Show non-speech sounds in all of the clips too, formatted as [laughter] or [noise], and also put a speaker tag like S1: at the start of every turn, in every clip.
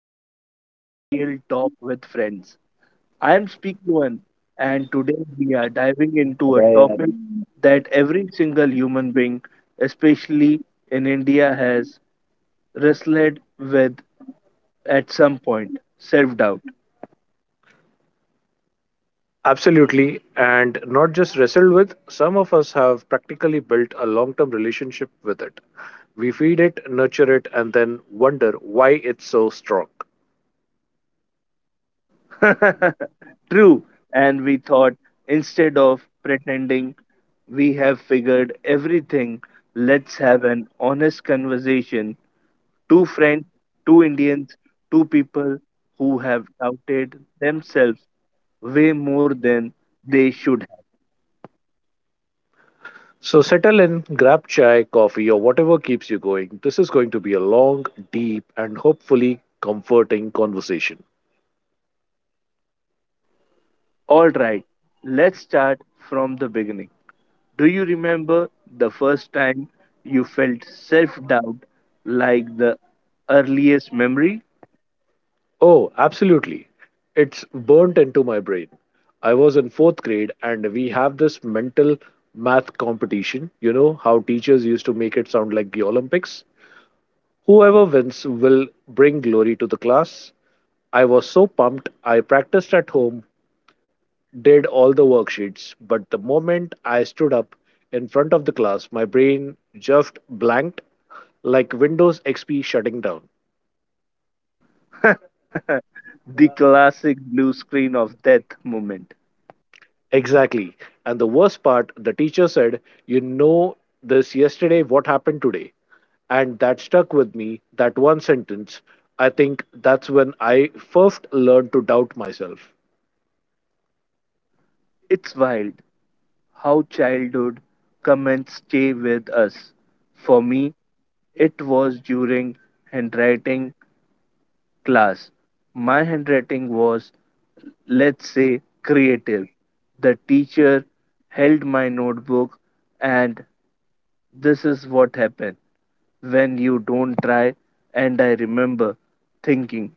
S1: episode of Real Talk with Friends. I am Speakman, and today we are diving into a topic that every single human being, especially in India, has wrestled with at some point self doubt.
S2: Absolutely, and not just wrestled with, some of us have practically built a long term relationship with it. We feed it, nurture it, and then wonder why it's so strong.
S1: [laughs] True, and we thought instead of pretending we have figured everything, let's have an honest conversation. Two friends, two Indians, two people who have doubted themselves way more than they should have.
S2: So settle in, grab chai, coffee, or whatever keeps you going. This is going to be a long, deep, and hopefully comforting conversation.
S1: All right, let's start from the beginning. Do you remember the first time you felt self doubt like the earliest memory?
S2: Oh, absolutely. It's burnt into my brain. I was in fourth grade, and we have this mental math competition. You know how teachers used to make it sound like the Olympics? Whoever wins will bring glory to the class. I was so pumped, I practiced at home, did all the worksheets, but the moment I stood up in front of the class, my brain just blanked like Windows XP shutting down.
S1: The classic blue screen of death moment.
S2: Exactly. And the worst part, the teacher said, you know this yesterday, what happened today? And that stuck with me, that one sentence. I think that's when I first learned to doubt myself.
S1: It's wild how childhood comments stay with us. For me, it was during handwriting class. My handwriting was, let's say, creative. The teacher held my notebook, and this is what happened when you don't try. And I remember thinking,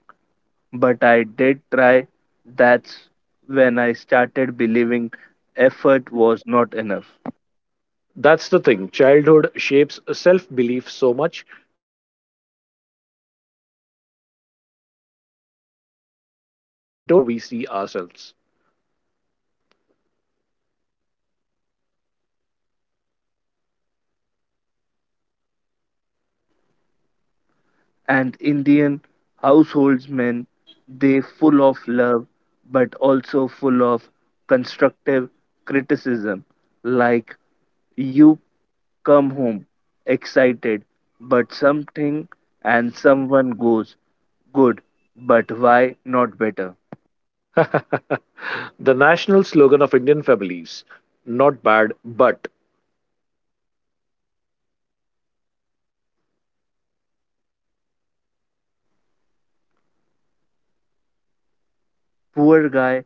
S1: but I did try. That's when I started believing effort was not enough.
S2: That's the thing. Childhood shapes self belief so much we don't realize it then. But those tiny moments become the foundation of how we see ourselves.
S1: And Indian householdsmen, they full of love but also full of constructive criticism. Like you come home excited, but something and someone goes good, but why not better?
S2: [laughs] The national slogan of Indian families: not bad, but.
S1: Poor guy,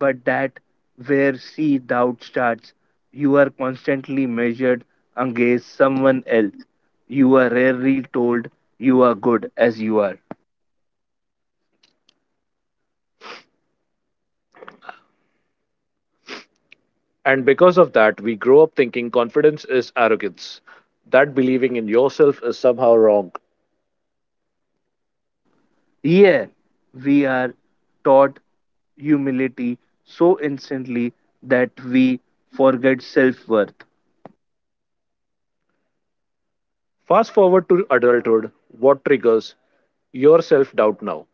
S1: but that where see doubt starts. You are constantly measured against someone else. You are rarely told you are good as you are.
S2: And because of that, we grow up thinking confidence is arrogance, that believing in yourself is somehow wrong.
S1: Here we are taught humility so instantly that we forget self worth.
S2: Fast forward to adulthood, what triggers your self doubt now?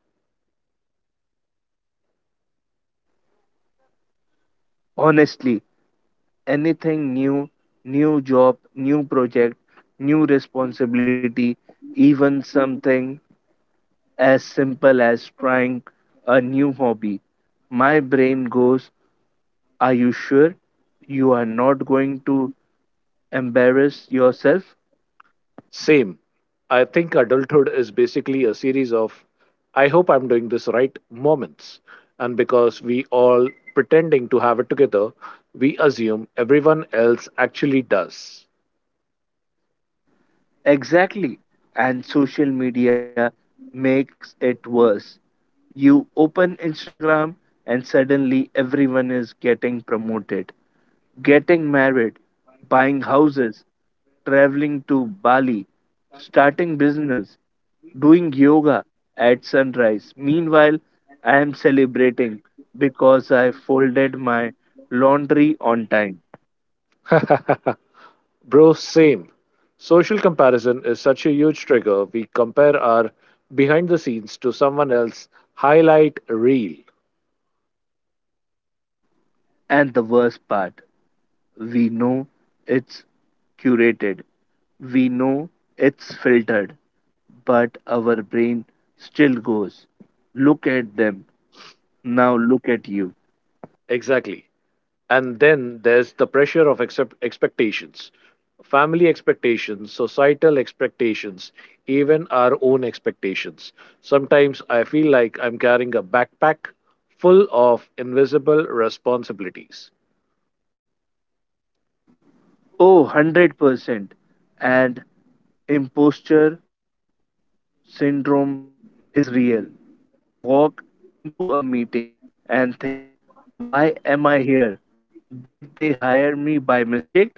S1: Honestly, anything new, new job, new project, new responsibility, even something as simple as trying a new hobby, my brain goes, are you sure you are not going to embarrass yourself?
S2: Same. I think adulthood is basically a series of I hope I'm doing this right moments. And because we all pretending to have it together, we assume everyone else actually does.
S1: Exactly. And social media makes it worse. You open Instagram and suddenly everyone is getting promoted, getting married, buying houses, traveling to Bali, starting business, doing yoga at sunrise. Meanwhile, I am celebrating because I folded my laundry on time.
S2: Bro, same. Social comparison is such a huge trigger. We compare our behind the scenes to someone else's highlight reel.
S1: And the worst part, we know it's curated. We know it's filtered. But our brain still goes, look at them. Now look at you.
S2: Exactly. And then there's the pressure of expectations, family expectations, societal expectations, even our own expectations. Sometimes I feel like I'm carrying a backpack full of invisible responsibilities.
S1: Oh, 100%. And imposture syndrome is real. You walk into a meeting and think, why am I here? Did they hire me by mistake?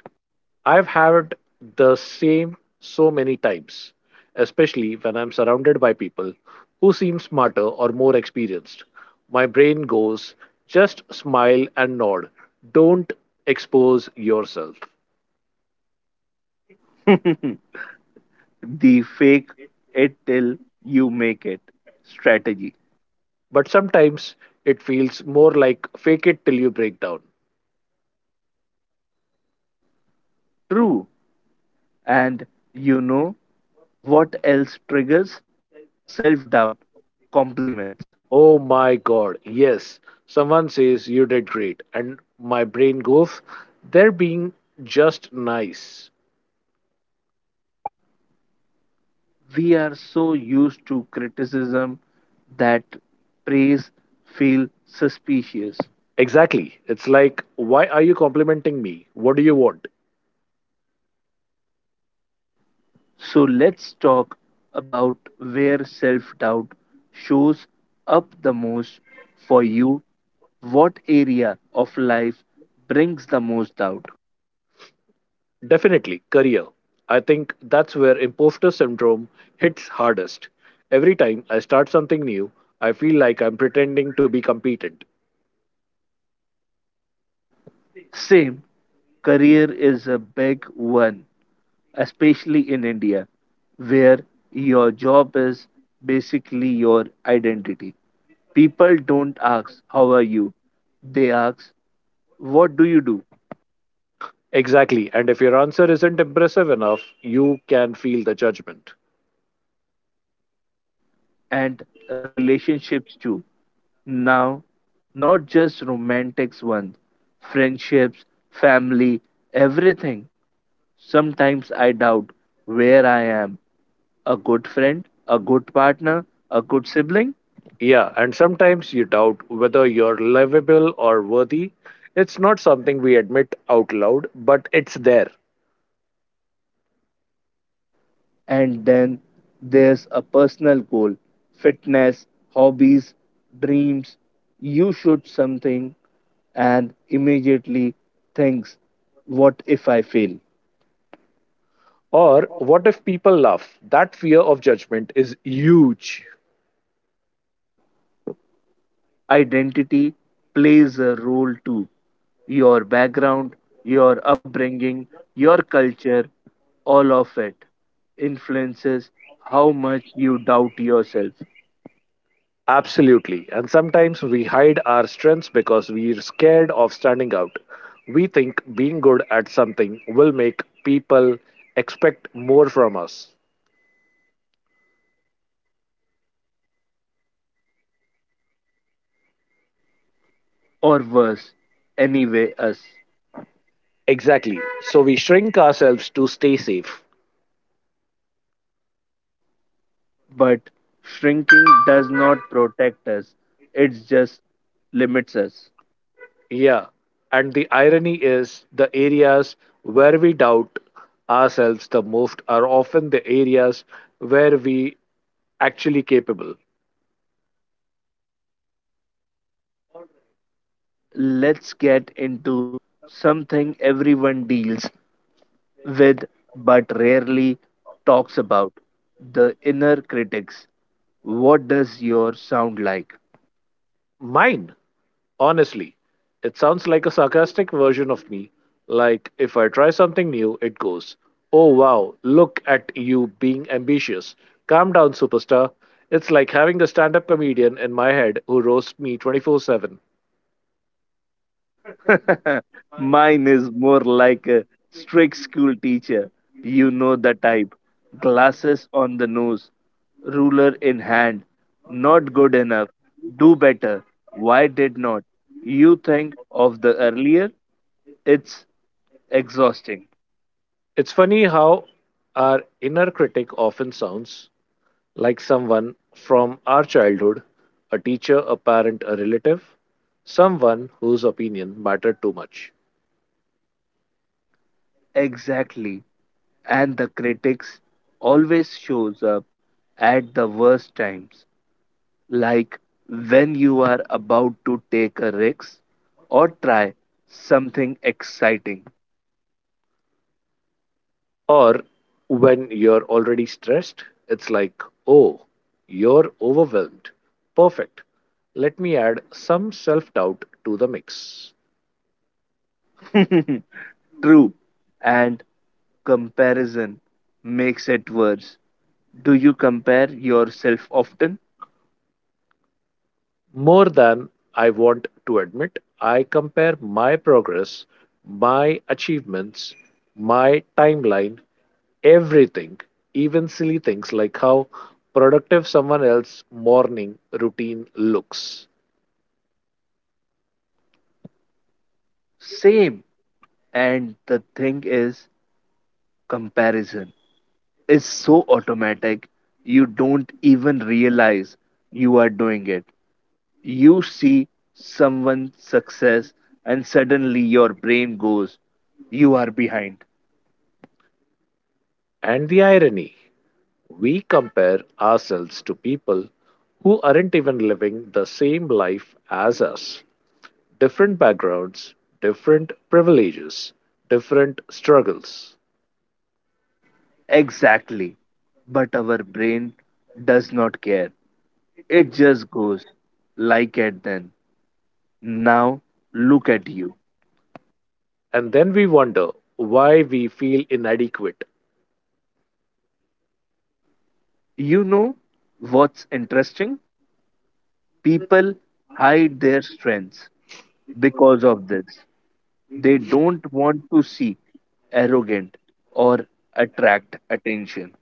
S2: I've had the same so many times, especially when I'm surrounded by people who seem smarter or more experienced. My brain goes, just smile and nod. Don't expose yourself.
S1: [laughs] The fake it till you make it strategy.
S2: But sometimes it feels more like fake it till you break down.
S1: True. And you know what else triggers? Self doubt, compliments.
S2: Oh my god, yes, someone says you did great, and my brain goes, they're being just nice.
S1: We are so used to criticism that praise feel suspicious.
S2: Exactly. It's like, why are you complimenting me? What do you want?
S1: So let's talk about where self doubt shows up the most for you. What area of life brings the most doubt?
S2: Definitely, career. I think that's where imposter syndrome hits hardest. Every time I start something new, I feel like I'm pretending to be competent.
S1: Same, career is a big one, especially in India, where your job is basically your identity. People don't ask, how are you? They ask, what do you do?
S2: Exactly. And if your answer isn't impressive enough, you can feel the judgment.
S1: And relationships too. Now, not just romantic ones, friendships, family, everything. Sometimes I doubt where I am a good friend, a good partner, a good sibling.
S2: Yeah, and sometimes you doubt whether you're livable or worthy. It's not something we admit out loud, but it's there.
S1: And then there's a personal goal fitness, hobbies, dreams. You shoot something and immediately thinks, what if I fail?
S2: Or what if people laugh? That fear of judgment is huge.
S1: Identity plays a role too. Your background, your upbringing, your culture, all of it influences how much you doubt yourself,
S2: Absolutely. And sometimes we hide our strengths because we're scared of standing out. We think being good at something will make people expect more from us.
S1: or worse, anyway, us.
S2: Exactly. So we shrink ourselves to stay safe.
S1: But shrinking does not protect us, it just limits us.
S2: Yeah. And the irony is the areas where we doubt ourselves the most are often the areas where we actually capable.
S1: Alright, let's get into something everyone deals with but rarely talks about the inner critics. What does your sound like?
S2: Mine, honestly, it sounds like a sarcastic version of me. Like if I try something new, it goes, "Oh wow, look at you being ambitious. Calm down, superstar." It's like having a stand-up comedian in my head who roasts me 24/7.
S1: [laughs] Mine is more like a strict school teacher. You know the type. Glasses on the nose, ruler in hand. Not good enough. Do better. Why did not? You think of the earlier? It's exhausting.
S2: It's funny how our inner critic often sounds like someone from our childhood: a teacher, a parent, a relative, someone whose opinion mattered too much.
S1: Exactly. And the critics always shows up at the worst times, like when you are about to take a risk or try something exciting.
S2: Or when you're already stressed, it's like, oh, you're overwhelmed. Perfect. Let me add some self doubt to the mix.
S1: [laughs] True. And comparison makes it worse. Do you compare yourself often?
S2: More than I want to admit, I compare my progress, my achievements, my timeline, everything, even silly things like how productive someone else's morning routine looks.
S1: Same. And the thing is, comparison is so automatic, you don't even realize you are doing it. You see someone success and suddenly your brain goes you are behind.
S2: And the irony, we compare ourselves to people who aren't even living the same life as us. Different backgrounds, different privileges, different struggles.
S1: Exactly, but our brain does not care, it just goes like it then, now look at you.
S2: And then we wonder why we feel inadequate.
S1: You know what's interesting, people hide their strengths because of this, they don't want to see arrogant or attract attention.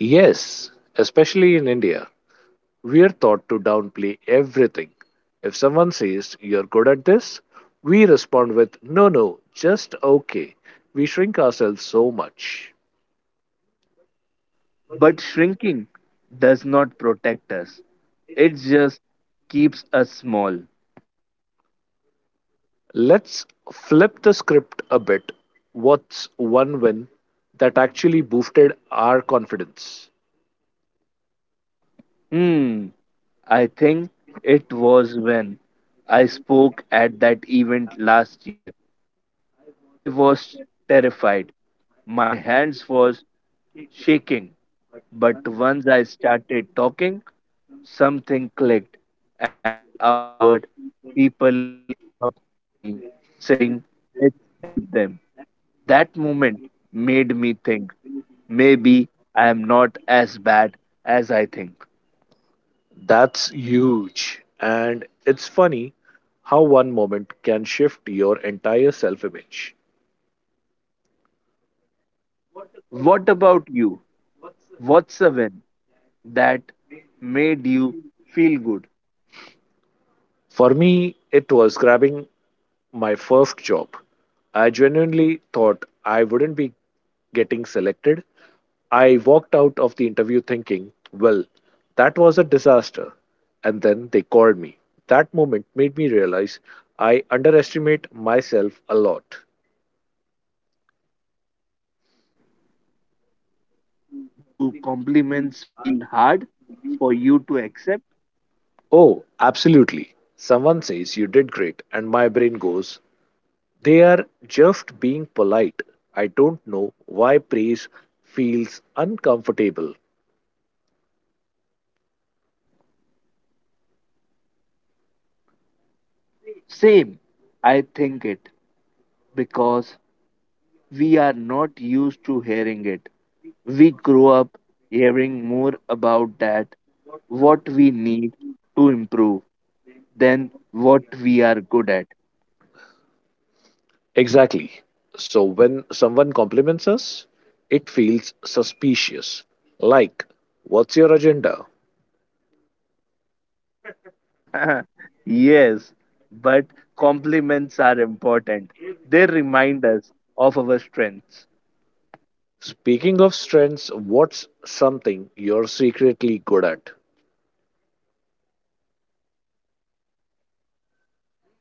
S2: Yes, especially in India, we are taught to downplay everything. If someone says, you're good at this, we respond with, no, no, just okay. We shrink ourselves so much.
S1: But shrinking does not protect us, it just keeps us small.
S2: Let's flip the script a bit. What's one win that actually boosted our confidence?
S1: Hmm, I think it was when I spoke at that event last year. I was terrified. My hands was shaking, but once I started talking, something clicked and afterward people came up to me saying it helped them. That moment made me think maybe I am not as bad as I think.
S2: That's huge. And it's funny how one moment can shift your entire self image.
S1: What about you? What's a win that made you feel good?
S2: For me, it was grabbing my first job. I genuinely thought I wouldn't be getting selected. I walked out of the interview thinking, well, that was a disaster. And then they called me. That moment made me realize I underestimate myself a lot.
S1: Do compliments feel hard for you to accept?
S2: Oh, absolutely. Someone says you did great, and my brain goes, they are just being polite. I don't know why praise feels uncomfortable.
S1: Same, I think it because we are not used to hearing it. We grow up hearing more about that, what we need to improve, than what we are good at.
S2: Exactly. So when someone compliments us, it feels suspicious. Like, what's your agenda?
S1: [laughs] Yes, but compliments are important. They remind us of our strengths.
S2: Speaking of strengths, what's something you're secretly good at?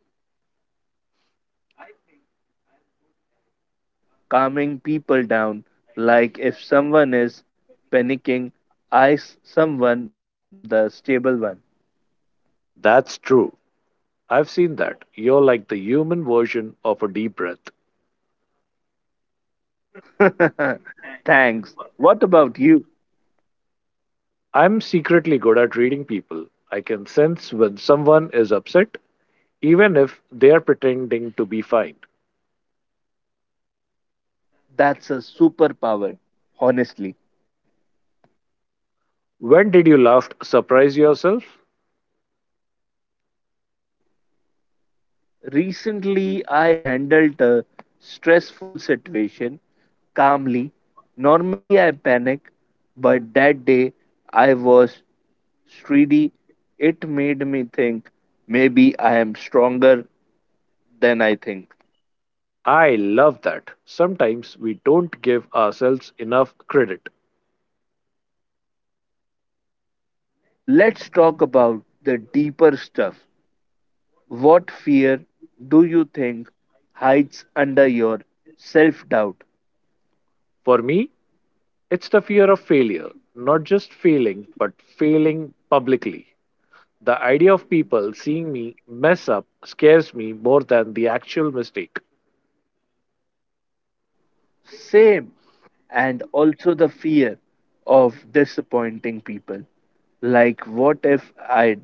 S1: Hmm, I think I am good at calming people down. Like if someone is panicking, someone became the stable one.
S2: That's true. I've seen that. You're like the human version of a deep breath.
S1: [laughs] Thanks. What about you?
S2: I'm secretly good at reading people. I can sense when someone is upset, even if they are pretending to be fine.
S1: That's a superpower, honestly.
S2: When did you last surprise yourself?
S1: Recently, I handled a stressful situation calmly. Normally, I panic, but that day I was streedy. It made me think maybe I am stronger than I think.
S2: I love that. Sometimes we don't give ourselves enough credit.
S1: Let's talk about the deeper stuff. What fear do you think hides under your self doubt?
S2: For me, it's the fear of failure, not just failing, but failing publicly. The idea of people seeing me mess up scares me more than the actual mistake.
S1: Same, and also the fear of disappointing people. Like, what if I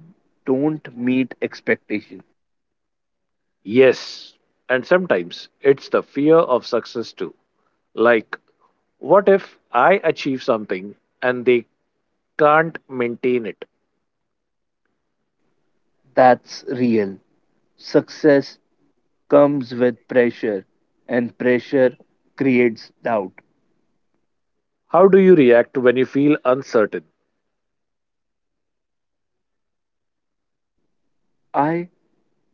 S1: don't meet expectation?
S2: Yes, and sometimes it's the fear of success too. Like, what if I achieve something and they can't maintain it?
S1: That's real. Success comes with pressure, and pressure creates doubt.
S2: How do you react when you feel uncertain?
S1: I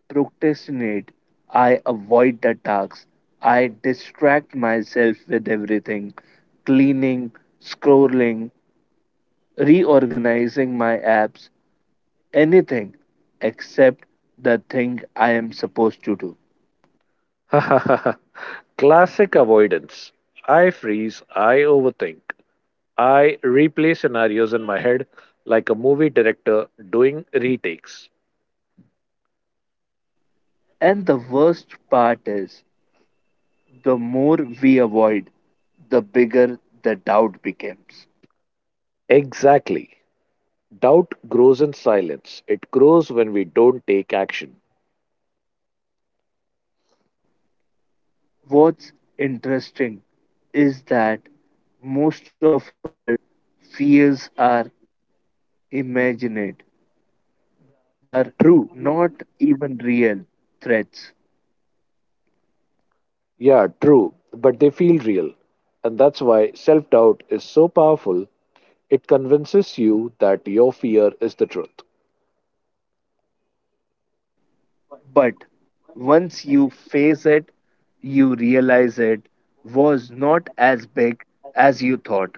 S1: procrastinate. I avoid the tasks. I distract myself with everything cleaning, scrolling, reorganizing my apps, anything except the thing I am supposed to do.
S2: [laughs] Classic avoidance. I freeze, I overthink, I replay scenarios in my head like a movie director doing retakes.
S1: And the worst part is, the more we avoid, the bigger the doubt becomes.
S2: Exactly. Doubt grows in silence, it grows when we don't take action.
S1: What's interesting is that most of our fears are imagined, they are
S2: True.
S1: not even real threats.
S2: Yeah, true, but they feel real. And that's why self doubt is so powerful. It convinces you that your fear is the truth.
S1: But once you face it, you realize it was not as big as you thought.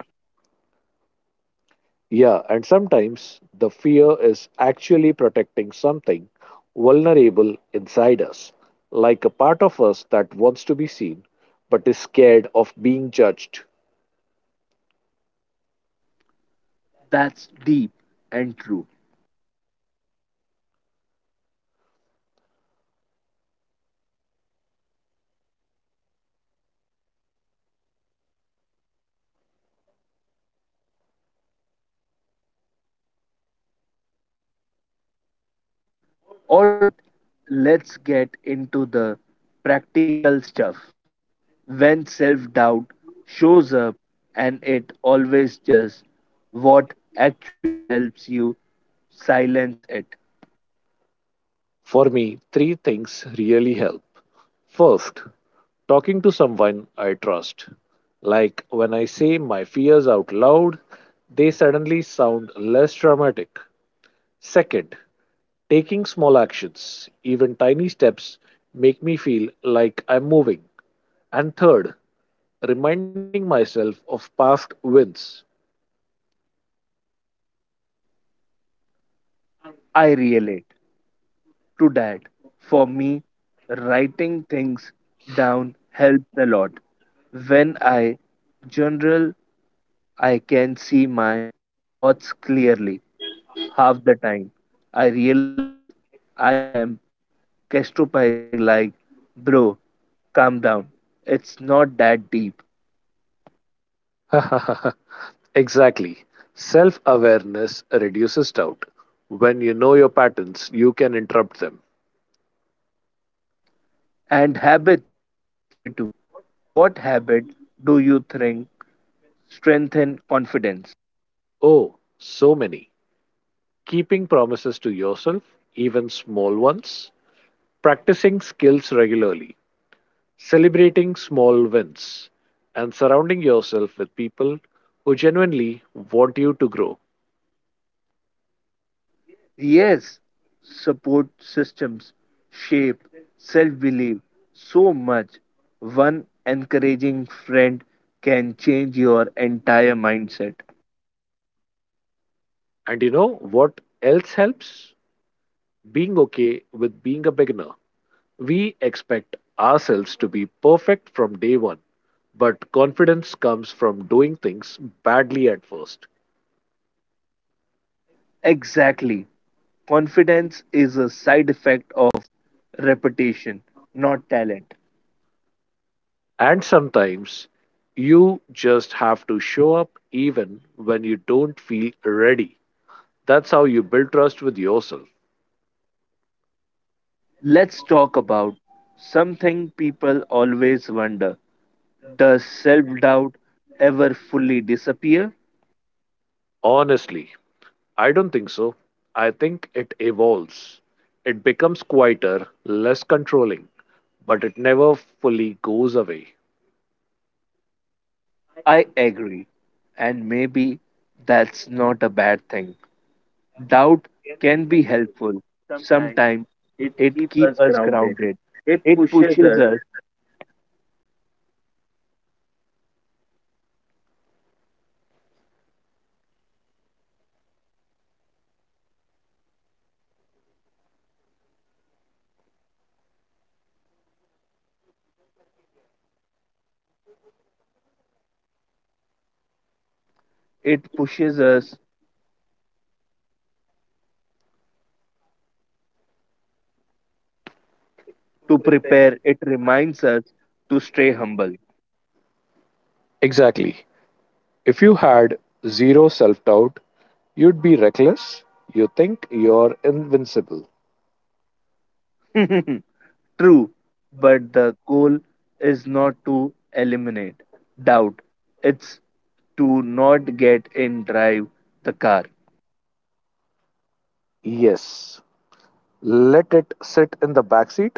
S2: Yeah, and sometimes the fear is actually protecting something vulnerable inside us, like a part of us that wants to be seen but is scared of being judged.
S1: That's deep and true. All right, let's get into the practical stuff. When self doubt shows up, and it always does, what actually helps you silence it?
S2: For me, three things really help. First, talking to someone I trust. Like when I say my fears out loud, they suddenly sound less dramatic. Second, taking small actions, even tiny steps, make me feel like I'm moving. And third, reminding myself of past wins.
S1: I relate to that. For me, writing things down helps a lot. When I journal I can see my thoughts clearly. Half the time, I realize I am catastrophizing like, bro, calm down. It's not that deep.
S2: [laughs] Exactly. Self awareness reduces doubt. When you know your patterns, you can interrupt them.
S1: And habits matter too. What habit do you think strengthen confidence?
S2: Oh, so many. Keeping promises to yourself, even small ones, practicing skills regularly, celebrating small wins, and surrounding yourself with people who genuinely want you to grow.
S1: Yes, support systems shape self belief so much. One encouraging friend can change your entire mindset.
S2: And you know what else helps? Being okay with being a beginner. We expect ourselves to be perfect from day one, but confidence comes from doing things badly at first.
S1: Exactly. Confidence is a side effect of reputation, not talent.
S2: And sometimes you just have to show up even when you don't feel ready. That's how you build trust with yourself.
S1: Let's talk about something people always wonder. Does self doubt ever fully disappear?
S2: Honestly, I don't think so. I think it evolves. It becomes quieter, less controlling, but it never fully goes away.
S1: I agree. And maybe that's not a bad thing. Doubt can be helpful. Sometimes it keeps us grounded. It pushes us, it pushes us to prepare, it reminds us to stay humble.
S2: Exactly. If you had zero self doubt, you'd be reckless. You think you're invincible.
S1: [laughs] True, but the goal is not to eliminate doubt, it's to not get in drive the car.
S2: Yes. Let it sit in the backseat.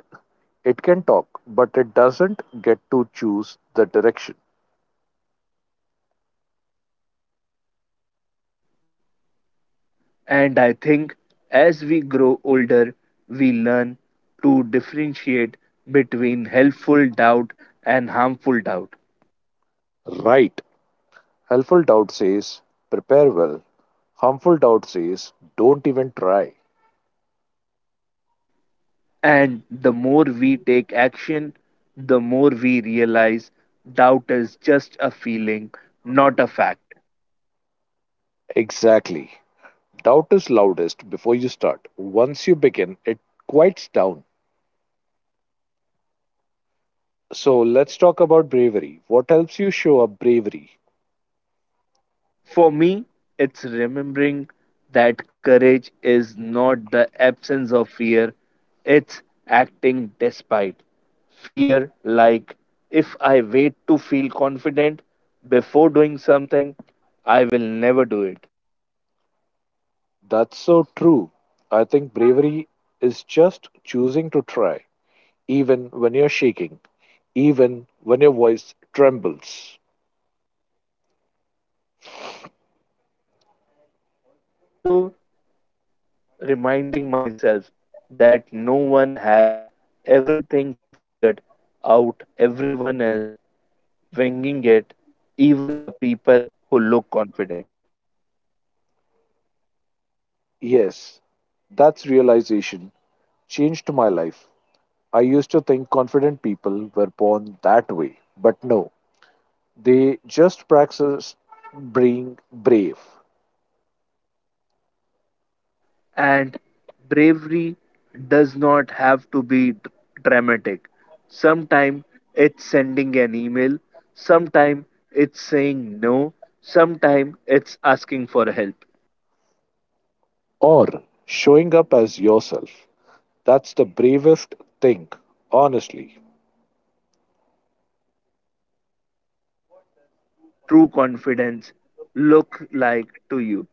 S2: It can talk, but it doesn't get to choose the direction.
S1: And I think as we grow older, we learn to differentiate between helpful doubt and harmful doubt.
S2: Right. Helpful doubt says, prepare well. Harmful doubt says, don't even try.
S1: And the more we take action, the more we realize doubt is just a feeling, not a fact.
S2: Exactly. Doubt is loudest before you start. Once you begin, it quiets down. So let's talk about bravery. What helps you show up bravery?
S1: For me, it's remembering that courage is not the absence of fear, it's acting despite fear. Like, if I wait to feel confident before doing something, I will never do it.
S2: That's so true. I think bravery is just choosing to try, even when you're shaking, even when your voice trembles.
S1: And also reminding myself that no one has everything figured out, everyone is winging it, even the people who look confident.
S2: Yes, that's realization changed my life. I used to think confident people were born that way, but no, they just practice being brave
S1: And bravery does not have to be dramatic. Sometimes it's sending an email, sometimes it's saying no, sometimes it's asking for help.
S2: or showing up as yourself. That's the bravest thing, honestly.
S1: What does true confidence look like to you?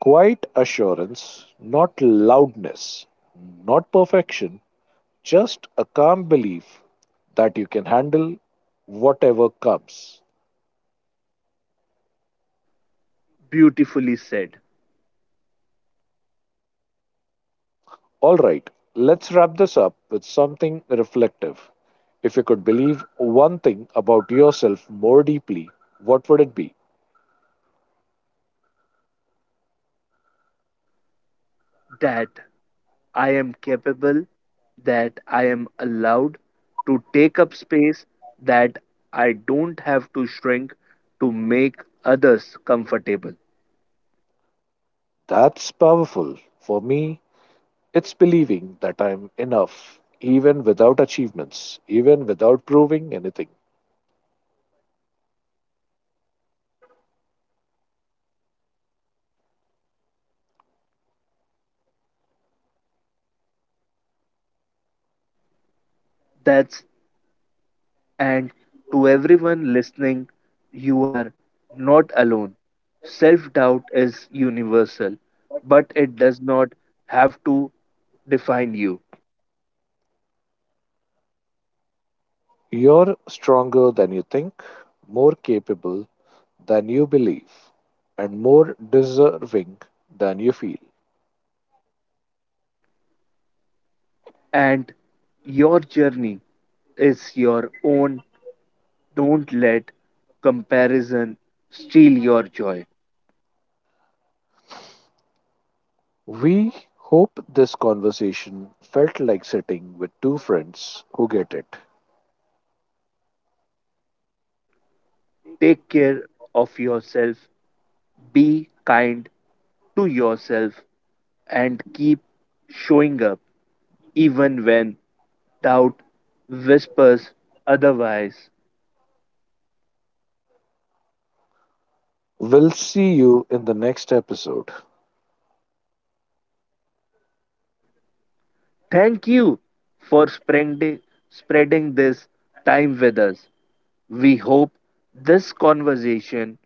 S2: Quiet assurance, not loudness, not perfection, just a calm belief that you can handle whatever comes.
S1: Beautifully said.
S2: All right, let's wrap this up with something reflective. If you could believe one thing about yourself more deeply, what would it be?
S1: That I am capable, that I am allowed to take up space, that I don't have to shrink to make others comfortable.
S2: That's powerful. For me, it's believing that I'm enough, even without achievements, even without proving anything.
S1: That's and to everyone listening, you are not alone. Self doubt is universal, but it does not have to define you.
S2: You're stronger than you think, more capable than you believe, and more deserving than you feel.
S1: And your journey is your own. Don't let comparison steal your joy.
S2: We hope this conversation felt like sitting with two friends who get it.
S1: Take care of yourself, be kind to yourself, and keep showing up even when doubt whispers otherwise.
S2: We'll see you in the next episode.
S1: Thank you for spreading this time with us. We hope this conversation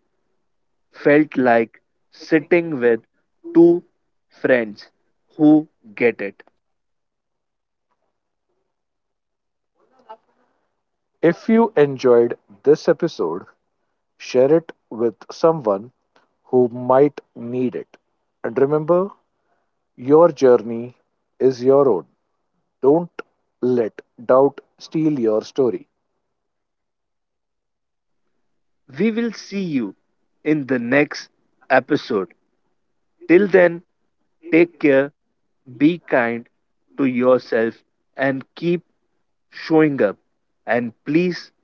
S1: felt like sitting with two friends who get it.
S2: If you enjoyed this episode, share it with someone who might need it. And remember, your journey is your own. Don't let doubt steal your story.
S1: We will see you in the next episode. Till then, take care, be kind to yourself, and keep showing up. And please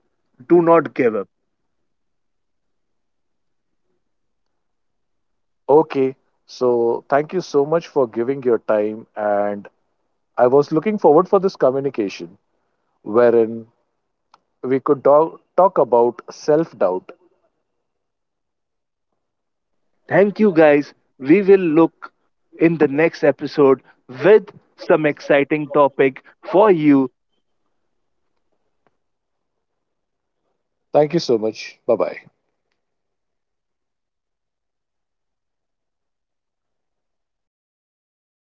S1: do not give up.
S2: Okay, so thank you so much for giving your time and I was looking forward for this communication wherein we could talk about self-doubt.
S1: Thank you, guys. We will look in the next episode with some exciting topic for you.
S2: Thank you so much. Bye-bye.